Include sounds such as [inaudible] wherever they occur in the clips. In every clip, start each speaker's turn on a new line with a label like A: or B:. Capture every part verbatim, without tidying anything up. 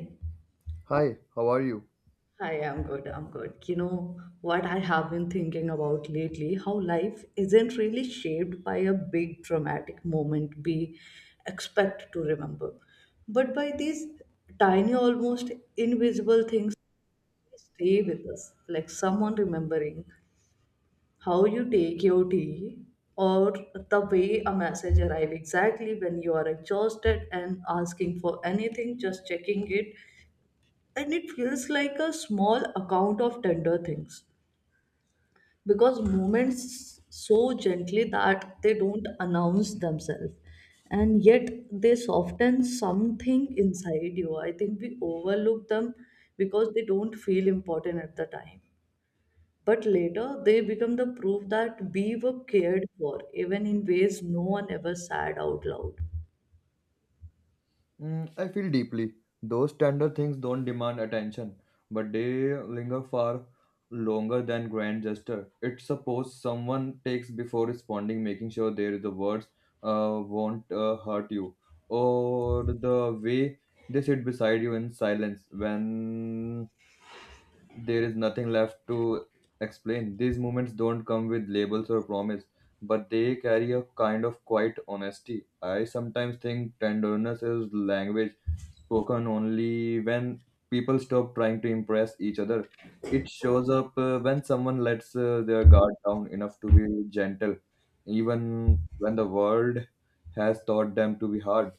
A: Hi,
B: Hi, how are you?
A: I'm good. I'm good. You know what I have been thinking about lately? How life isn't really shaped by a big dramatic moment we expect to remember, but by these tiny, almost invisible things that stay with us, like someone remembering how you take your tea, or the way a message arrives exactly when you are exhausted and asking for anything, just checking it. And it feels like a small account of tender things because moments so gently that they don't announce themselves, and yet they soften something inside you. I think we overlook them because they don't feel important at the time, but later they become the proof that we were cared for even in ways no one ever said out loud.
B: Mm, I feel deeply. Those tender things don't demand attention, but they linger far longer than grand gesture. It's suppose someone takes before responding, making sure there the words uh, won't uh, hurt you, or the way they sit beside you in silence when there is nothing left to explain. These moments don't come with labels or promise, but they carry a kind of quiet honesty. I sometimes think tenderness is language spoken only when people stop trying to impress each other. It shows up uh, when someone lets uh, their guard down enough to be gentle, even when the world has taught them to be hard.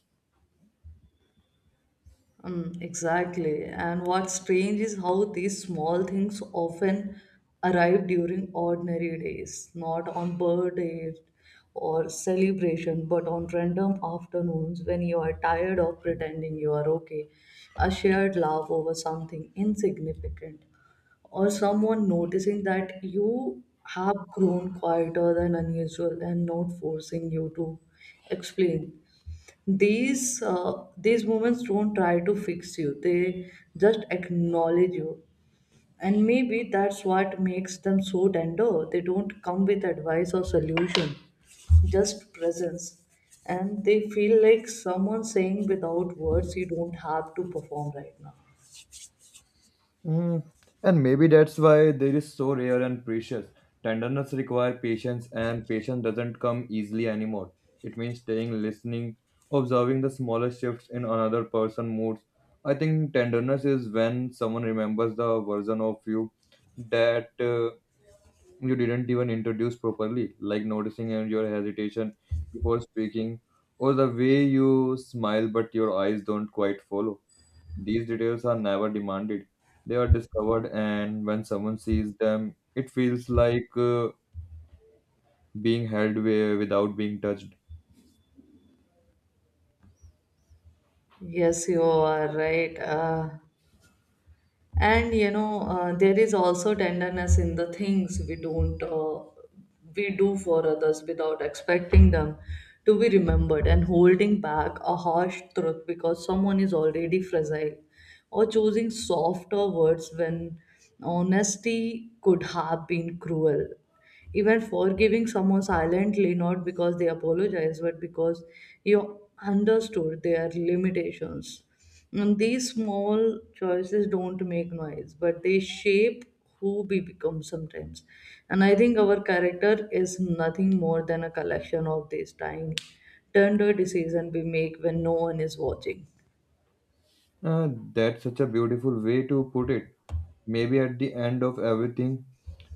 A: Mm, exactly. And what's strange is how these small things often arrive during ordinary days, not on birthdays or celebration, but on random afternoons when you are tired of pretending you are okay. A shared laugh over something insignificant, or someone noticing that you have grown quieter than unusual and not forcing you to explain. These uh, these moments don't try to fix you, they just acknowledge you. And maybe that's what makes them so tender. They don't come with advice or solution, just presence. And they feel like someone saying without words, you don't have to perform right now.
B: Mm, and maybe that's why there is so rare and precious. Tenderness requires patience, and patience doesn't come easily anymore. It means staying, listening, observing the smallest shifts in another person's moods. I think tenderness is when someone remembers the version of you that uh, you didn't even introduce properly, like noticing uh, your hesitation before speaking, or the way you smile but your eyes don't quite follow. These details are never demanded. They are discovered, and when someone sees them, it feels like uh, being held wi- without being touched.
A: Yes, you are right. Uh, and you know, uh, there is also tenderness in the things we don't uh, we do for others without expecting them to be remembered, and holding back a harsh truth because someone is already fragile, or choosing softer words when honesty could have been cruel, even forgiving someone silently not because they apologize but because you understood their limitations. And these small choices don't make noise, but they shape who we become sometimes. And I think our character is nothing more than a collection of these tiny tender decisions we make when no one is watching.
B: Uh, that's such a beautiful way to put it. Maybe at the end of everything,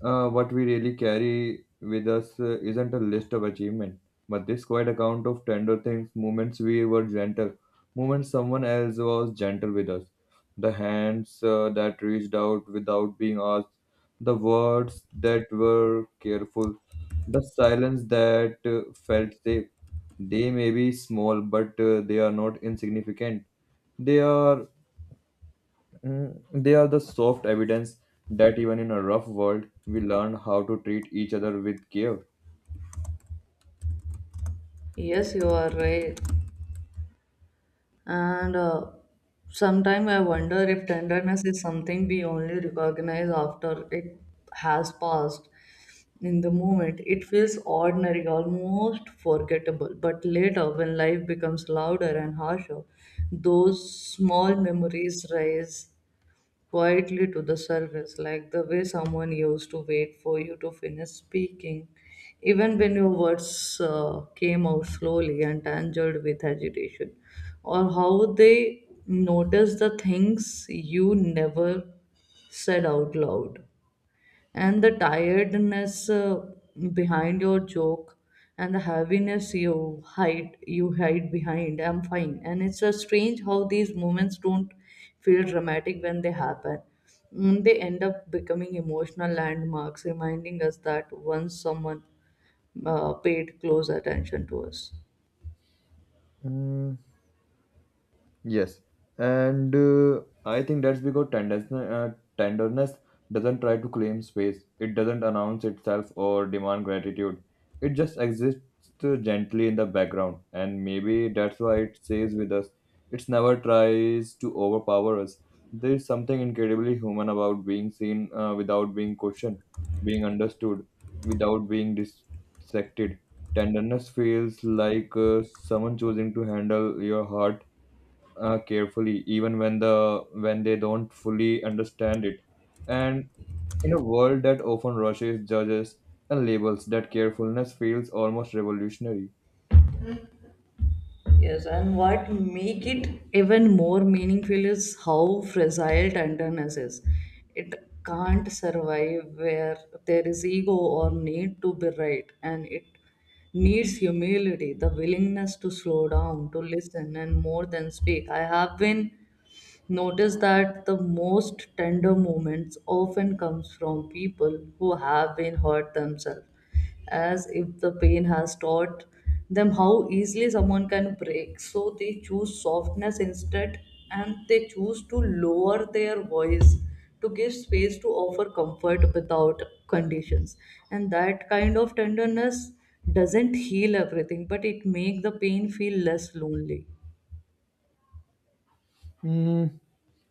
B: uh, what we really carry with us uh, isn't a list of achievement, but this quiet account of tender things, moments we were gentle, moments someone else was gentle with us, the hands uh, that reached out without being asked, the words that were careful, the silence that uh, felt safe. They may be small, but uh, they are not insignificant. They are mm, they are the soft evidence that even in a rough world, we learn how to treat each other with care.
A: Yes, you are right. And uh, sometimes I wonder if tenderness is something we only recognize after it has passed. In the moment, it feels ordinary, almost forgettable. But later, when life becomes louder and harsher, those small memories rise quietly to the surface, like the way someone used to wait for you to finish speaking, even when your words uh, came out slowly and tangled with agitation, or how they notice the things you never said out loud, and the tiredness uh, behind your joke, and the heaviness you hide you hide behind I'm fine. And it's a strange how these moments don't feel dramatic when they happen. Mm, they end up becoming emotional landmarks, reminding us that once someone uh, paid close attention to us.
B: Mm, yes, and uh, I think that's because tenderness, uh, tenderness doesn't try to claim space. It doesn't announce itself or demand gratitude. It just exists uh, gently in the background, and maybe that's why it stays with us. It's never tries to overpower us. There is something incredibly human about being seen uh, without being questioned, being understood without being dissected. Tenderness feels like uh, someone choosing to handle your heart uh, carefully even when the when they don't fully understand it, and in a world that often rushes, judges, and labels, that carefulness feels almost revolutionary.
A: Yes, and what make it even more meaningful is how fragile tenderness is. It can't survive where there is ego or need to be right, and it needs humility, the willingness to slow down, to listen, and more than speak. I have been notice that the most tender moments often comes from people who have been hurt themselves, as if the pain has taught them how easily someone can break. So they choose softness instead, and they choose to lower their voice, to give space, to offer comfort without conditions. And that kind of tenderness doesn't heal everything, but it makes the pain feel less lonely.
B: Mm,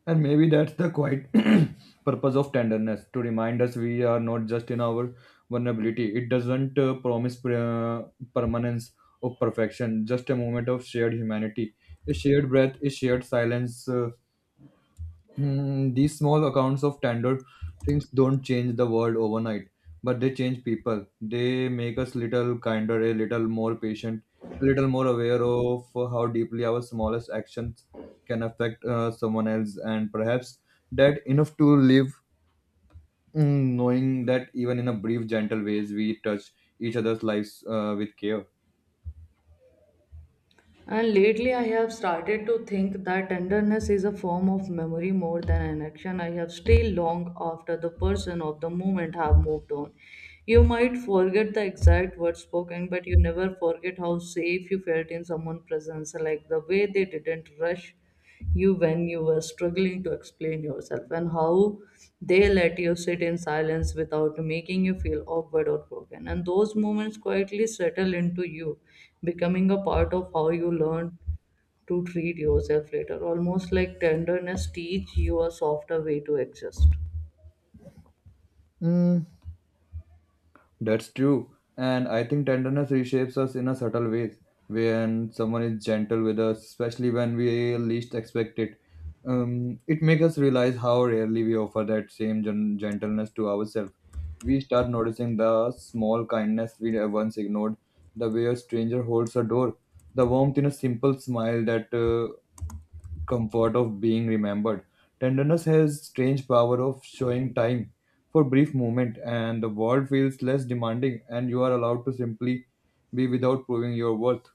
B: and maybe that's the quiet [coughs] [clears throat] purpose of tenderness, to remind us we are not just in our vulnerability. It doesn't uh, promise pre- uh, permanence or perfection, just a moment of shared humanity, a shared breath, a shared silence. Uh, Hmm, these small accounts of standard things don't change the world overnight, but they change people. They make us little kinder, a little more patient, a little more aware of how deeply our smallest actions can affect uh, someone else, and perhaps that enough to live, mm, knowing that even in a brief, gentle ways we touch each other's lives uh, with care.
A: And lately, I have started to think that tenderness is a form of memory more than an action. I have stayed long after the person of the moment have moved on. You might forget the exact words spoken, but you never forget how safe you felt in someone's presence, like the way they didn't rush you when you were struggling to explain yourself, and how they let you sit in silence without making you feel awkward or broken. And those moments quietly settle into you, becoming a part of how you learn to treat yourself later, almost like tenderness teach you a softer way to exist.
B: Mm, that's true. And I think tenderness reshapes us in a subtle ways. When someone is gentle with us, especially when we least expect it, um, it makes us realize how rarely we offer that same gen- gentleness to ourselves. We start noticing the small kindness we once ignored, the way a stranger holds a door, the warmth in a simple smile, that uh, comfort of being remembered. Tenderness has strange power of showing time for brief moment, and the world feels less demanding and you are allowed to simply be without proving your worth.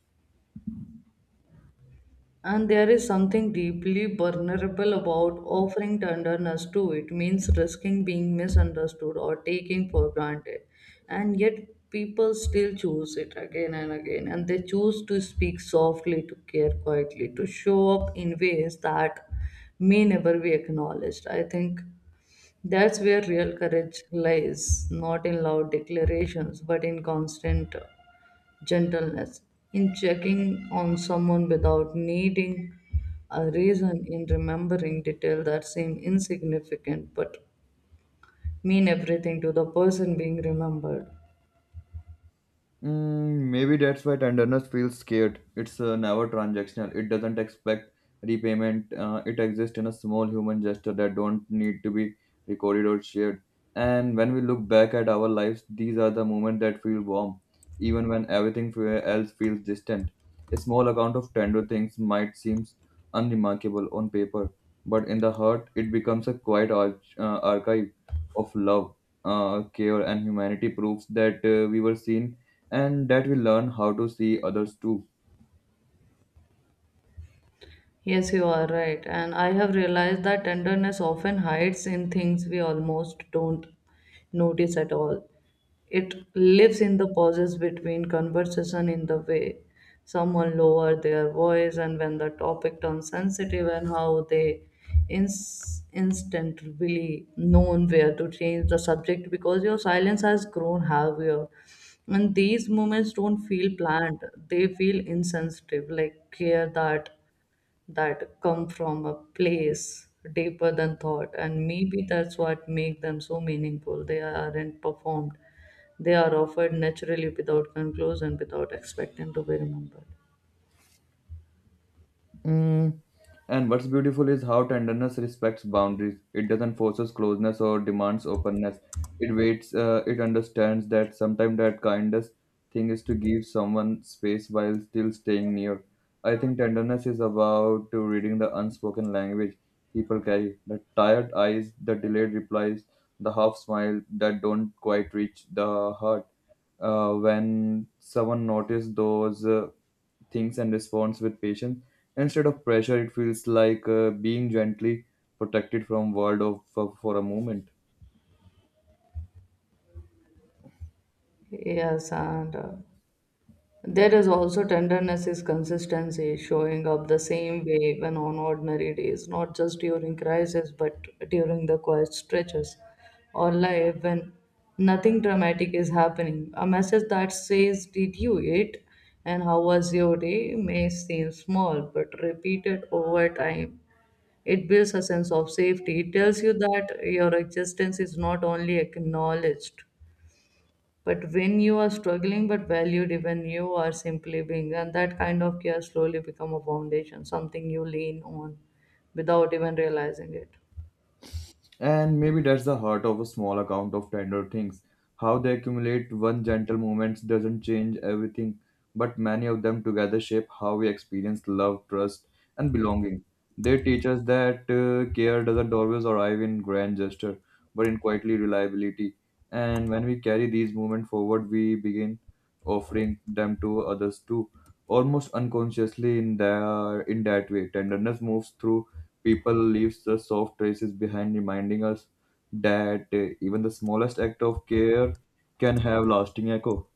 A: And there is something deeply vulnerable about offering tenderness to it means risking being misunderstood or taken for granted. And yet people still choose it again and again, and they choose to speak softly, to care quietly, to show up in ways that may never be acknowledged. I think that's where real courage lies, not in loud declarations, but in constant gentleness, in checking on someone without needing a reason, in remembering detail that seem insignificant but mean everything to the person being remembered.
B: Mm, maybe that's why tenderness feels scared. It's uh, never transactional. It doesn't expect repayment. Uh, it exists in a small human gesture that don't need to be recorded or shared. And when we look back at our lives, these are the moments that feel warm, even when everything fe- else feels distant. A small account of tender things might seem unremarkable on paper, but in the heart, it becomes a quiet arch- uh, archive of love, uh, care, and humanity. Proves that uh, we were seen and that we learn how to see others too.
A: Yes, you are right. And I have realized that tenderness often hides in things we almost don't notice at all. It lives in the pauses between conversation, in the way someone lower their voice, and when the topic turns sensitive, and how they ins- instantly known where to change the subject because your silence has grown heavier. And these moments don't feel planned; they feel insensitive, like care that that come from a place deeper than thought. And maybe that's what make them so meaningful. They aren't performed, they are offered naturally without conclusion, without expecting to be remembered.
B: Mm, and what's beautiful is how tenderness respects boundaries. It doesn't forces closeness or demands openness. It waits. Uh, it understands that sometimes that kindest thing is to give someone space while still staying near. I think tenderness is about to reading the unspoken language people carry. The tired eyes, the delayed replies, the half smile that don't quite reach the heart. Uh, when someone notices those uh, thinks and responds with patience instead of pressure, it feels like uh, being gently protected from world of, for, for a moment.
A: Yes, and uh, there is also tenderness is consistency, showing up the same way even on ordinary days, not just during crises, but during the quiet stretches or life when nothing dramatic is happening. A message that says, did you eat? And how was your day? May seem small, but repeated over time, it builds a sense of safety. It tells you that your existence is not only acknowledged but when you are struggling but valued, even you are simply being, and that kind of care slowly become a foundation, something you lean on without even realizing it.
B: And maybe that's the heart of a small account of tender things. How they accumulate one gentle moment doesn't change everything, but many of them together shape how we experience love, trust, and belonging. They teach us that uh, care doesn't always arrive in grand gesture, but in quietly reliability. And when we carry these moments forward, we begin offering them to others too, almost unconsciously. In their in that way, tenderness moves through people, leaves the soft traces behind, reminding us that uh, even the smallest act of care can have lasting echo.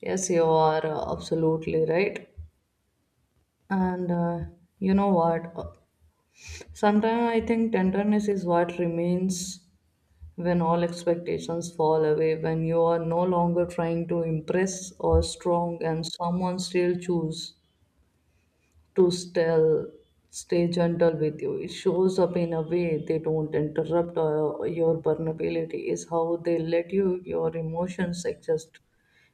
A: Yes, you are uh, absolutely right. And uh, you know what? Sometimes I think tenderness is what remains when all expectations fall away, when you are no longer trying to impress or strong, and someone still choose to still stay gentle with you. It shows up in a way they don't interrupt uh, your vulnerability, is how they let you your emotions exist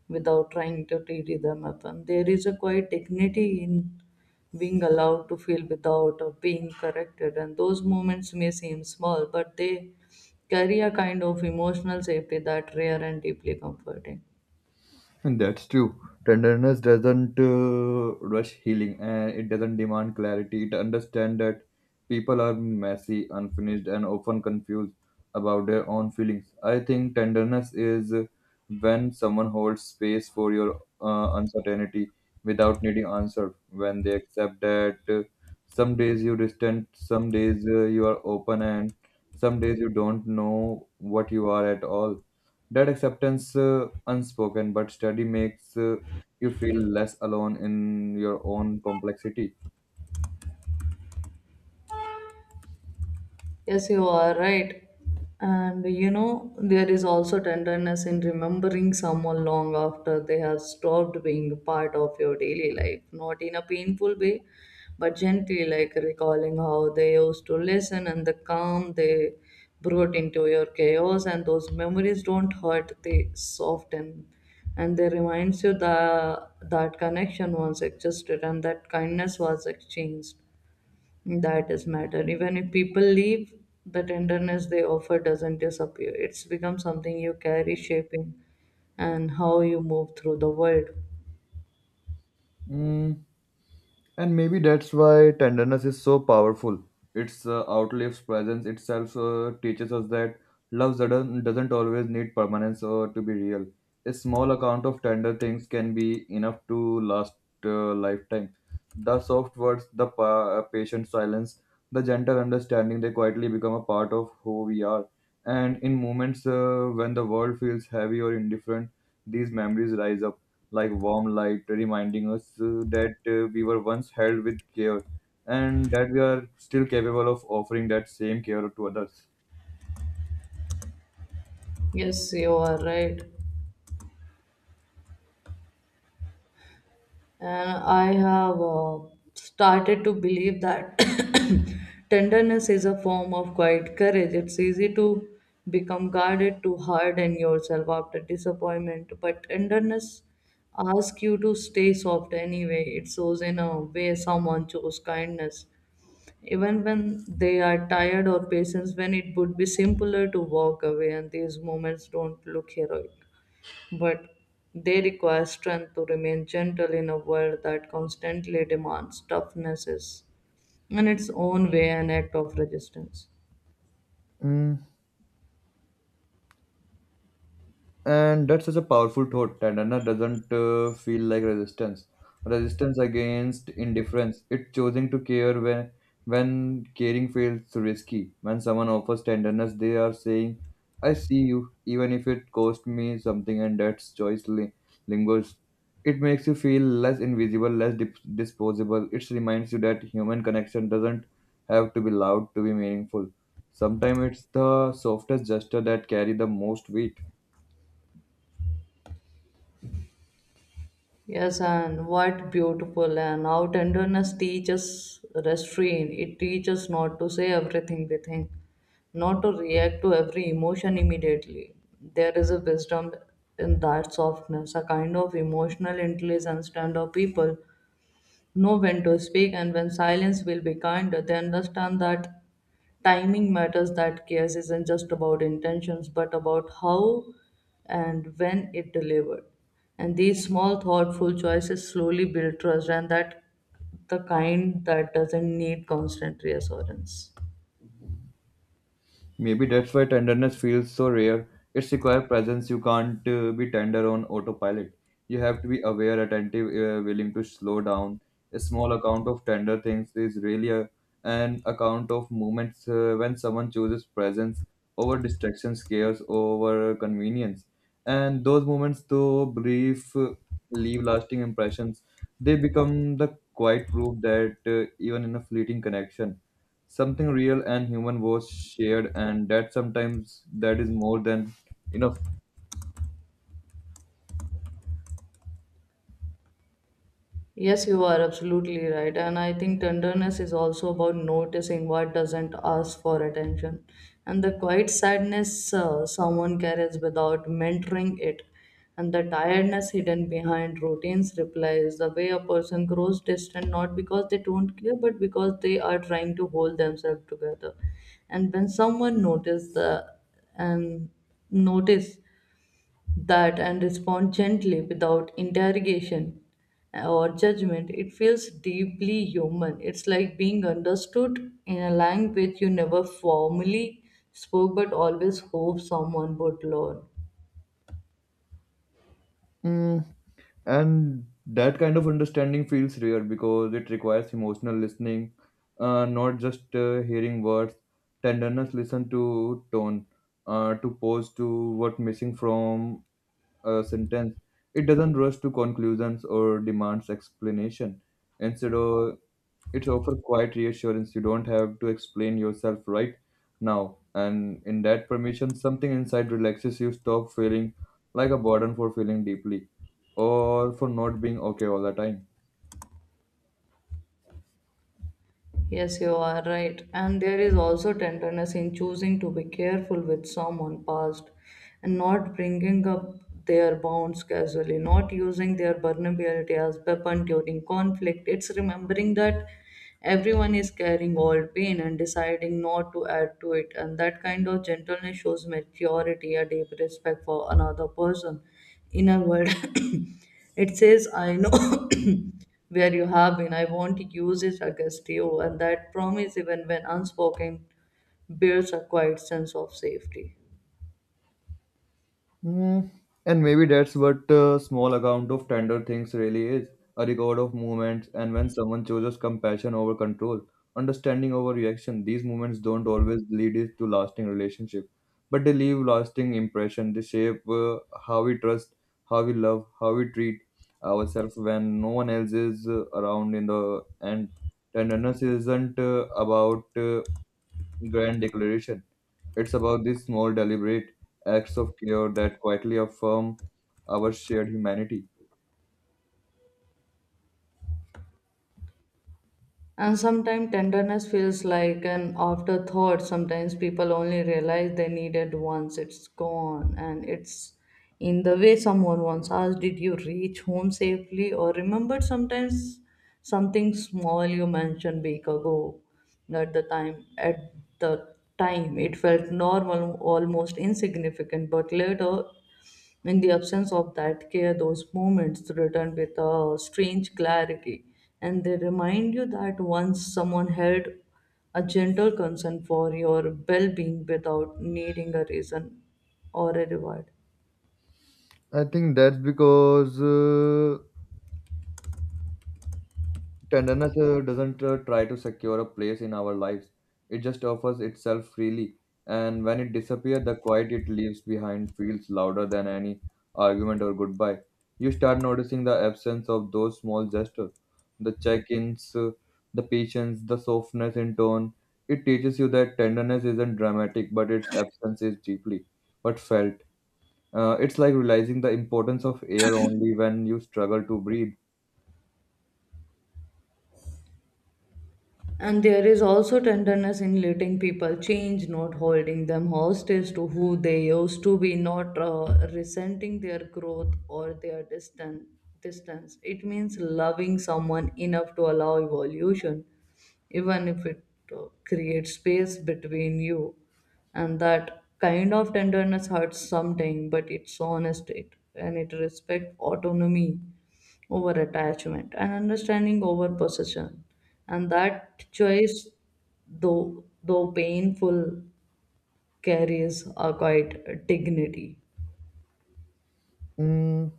A: without trying to tidy them up. And there is a quiet dignity in being allowed to feel without uh, being corrected. And those moments may seem small, but they carry a kind of emotional safety that rare and deeply comforting.
B: And that's true. Tenderness doesn't uh, rush healing and it doesn't demand clarity. It understands that people are messy, unfinished, and often confused about their own feelings. I think tenderness is when someone holds space for your uh, uncertainty without needing answer, when they accept that uh, some days you distant, some days uh, you are open, and some days you don't know what you are at all. That acceptance, uh, unspoken but steady, makes uh, you feel less alone in your own complexity.
A: Yes, you are right. And you know, there is also tenderness in remembering someone long after they have stopped being a part of your daily life, not in a painful way, but gently, like recalling how they used to listen and the calm they brought into your chaos. And those memories don't hurt, they soften. And they reminds you that that connection once existed, and that kindness was exchanged that is matter. Even if people leave, the tenderness they offer doesn't disappear. It's become something you carry, shaping and how you move through the world.
B: Mm, and maybe that's why tenderness is so powerful. It's uh, outlives presence itself, uh, teaches us that love doesn't doesn't always need permanence or to be real. A small account of tender things can be enough to last uh, lifetime. The soft words, the pa- uh, patient silence, the gentle understanding, they quietly become a part of who we are. And in moments uh, when the world feels heavy or indifferent, these memories rise up like warm light, reminding us uh, that uh, we were once held with care and that we are still capable of offering that same care to others.
A: Yes, you are right. And I have uh, started to believe that [coughs] tenderness is a form of quiet courage. It's easy to become guarded, to harden yourself after disappointment, but tenderness asks you to stay soft anyway. It shows in a way someone chose kindness. Even when they are tired or patient, when it would be simpler to walk away, and these moments don't look heroic, but they require strength to remain gentle in a world that constantly demands toughness, in its own way an act of resistance.
B: Mm, and that's such a powerful thought, that anna doesn't uh, feel like resistance resistance against indifference. It's choosing to care when when caring feels risky. When someone offers tenderness they are saying I see you even if it cost me something, and that's choice li- lingers. It makes you feel less invisible, less dip- disposable. It reminds you that human connection doesn't have to be loud to be meaningful. Sometimes it's the softest gesture that carry the most weight.
A: Yes, and what beautiful and how tenderness teaches restraint. It teaches not to say everything we think, not to react to every emotion immediately. There is a wisdom in that softness, a kind of emotional intelligence and of people know when to speak and when silence will be kinder. They understand that timing matters, that chaos isn't just about intentions, but about how and when it delivered. And these small, thoughtful choices slowly build trust, and that the kind that doesn't need constant reassurance.
B: Maybe that's why tenderness feels so rare. It's require presence. You can't uh, be tender on autopilot. You have to be aware, attentive, uh, willing to slow down. A small account of tender things is really a, an account of moments uh, when someone chooses presence over distractions, cares over convenience. And those moments, though brief, uh, leave lasting impressions. They become the quiet proof that uh, even in a fleeting connection something real and human was shared, and that sometimes that is more than enough.
A: Yes, you are absolutely right. And I think tenderness is also about noticing what doesn't ask for attention. And the quiet sadness uh, someone carries without mentoring it. And the tiredness hidden behind routines replies the way a person grows distant, not because they don't care but because they are trying to hold themselves together. And when someone notices the and notice that and respond gently without interrogation or judgment, it feels deeply human. It's like being understood in a language you never formally spoke but always hope someone would learn.
B: Mm, and that kind of understanding feels rare because it requires emotional listening, uh, not just uh, hearing words. Tenderness listen to tone, uh, to pause to what missing from a sentence. It doesn't rush to conclusions or demands explanation. Instead, of, It's offer quiet reassurance. You don't have to explain yourself right now. And in that permission, something inside relaxes. You stop feeling like a burden for feeling deeply or for not being okay all the time.
A: Yes, you are right. And there is also tenderness in choosing to be careful with someone past and not bringing up their bounds casually, not using their vulnerability as weapon during conflict. It's remembering that everyone is carrying old pain and deciding not to add to it. And that kind of gentleness shows maturity, a deep respect for another person. In a word, [coughs] it says, I know. [coughs] Where you have been. I won't use it against you, and that promise, even when unspoken, bears a quiet sense of safety.
B: Mm, and maybe that's what a small account of tender things really is, a record of movements, and when someone chooses compassion over control, understanding over reaction, these movements don't always lead it to lasting relationship, but they leave lasting impression. They shape uh, how we trust, how we love, how we treat ourselves when no one else is uh, around in the end. Tenderness isn't uh, about uh, grand declaration. It's about these small, deliberate acts of care that quietly affirm our shared humanity.
A: And sometimes tenderness feels like an afterthought. Sometimes people only realize they need it once it's gone. And it's in the way someone once asked, did you reach home safely? Or remember sometimes something small you mentioned week ago. At the time at the time it felt normal, almost insignificant, but later in the absence of that care, those moments return with a strange clarity, and they remind you that once someone held a gentle concern for your well being without needing a reason or a reward.
B: I think that's because uh, tenderness uh, doesn't uh, try to secure a place in our lives. It just offers itself freely. And when it disappears, the quiet it leaves behind feels louder than any argument or goodbye. You start noticing the absence of those small gestures, the check ins, the patience, the softness in tone. It teaches you that tenderness isn't dramatic, but its absence is deeply but felt. Uh, it's like realizing the importance of air only when you struggle to breathe.
A: And there is also tenderness in letting people change, not holding them hostage to who they used to be, not uh, resenting their growth or their distan- distance. It means loving someone enough to allow evolution, even if it uh, creates space between you. And that kind of tenderness hurts something, but it's honest it, and it respects autonomy over attachment and understanding over possession. And that choice, though, though painful, carries a quite dignity.
B: Mm,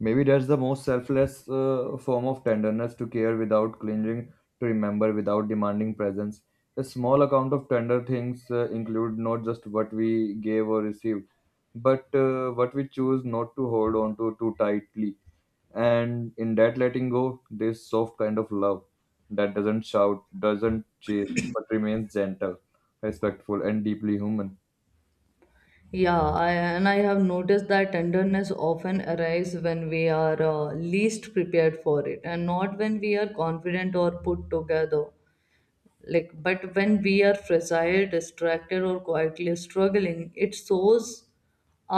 B: maybe that's the most selfless uh, form of tenderness, to care without clinging, to remember without demanding presence. A small account of tender things uh, include not just what we gave or received, but uh, what we choose not to hold on to too tightly. And in that letting go, this soft kind of love that doesn't shout, doesn't chase, but remains gentle, respectful, and deeply human.
A: Yeah, I, and I have noticed that tenderness often arrives when we are uh, least prepared for it, and not when we are confident or put together. Like but when we are fragile, distracted or quietly struggling, it shows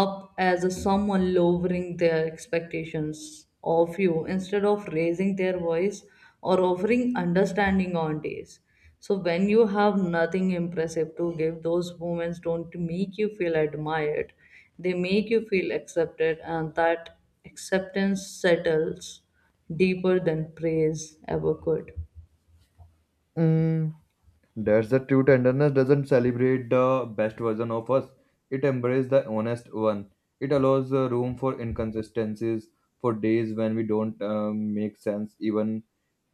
A: up as a someone lowering their expectations of you instead of raising their voice, or offering understanding on days so when you have nothing impressive to give. Those moments don't make you feel admired, they make you feel accepted, and that acceptance settles deeper than praise ever could.
B: Mm. That's the true tenderness doesn't celebrate the best version of us. It embraces the honest one. It allows uh, room for inconsistencies, for days when we don't uh, make sense, even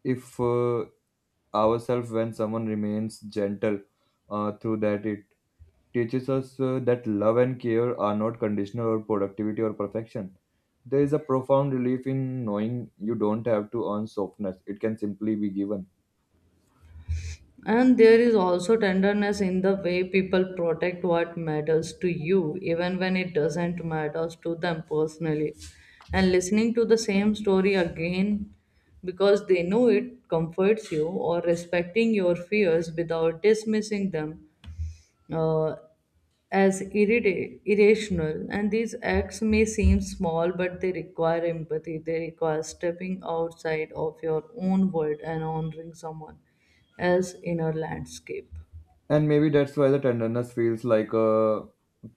B: if uh, ourselves when someone remains gentle uh, through that. It teaches us uh, that love and care are not conditional or productivity or perfection. There is a profound relief in knowing you don't have to earn softness, it can simply be given.
A: And there is also tenderness in the way people protect what matters to you, even when it doesn't matter to them personally. And listening to the same story again because they know it comforts you, or respecting your fears without dismissing them uh, as irrita- irrational, and these acts may seem small, but they require empathy. They require stepping outside of your own world and honoring someone else in our landscape.
B: And maybe that's why the tenderness feels like a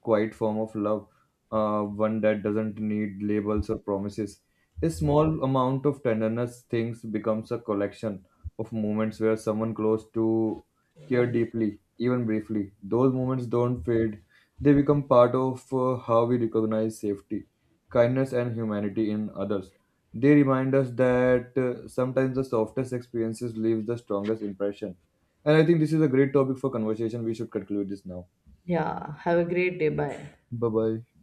B: quiet form of love, uh, one that doesn't need labels or promises. A small amount of tenderness things becomes a collection of moments where someone close to care deeply, even briefly. Those moments don't fade; they become part of uh, how we recognize safety, kindness, and humanity in others. They remind us that uh, sometimes the softest experiences leave the strongest impression, and I think this is a great topic for conversation. We should conclude this now.
A: Yeah, have a great day. Bye.
B: Bye bye.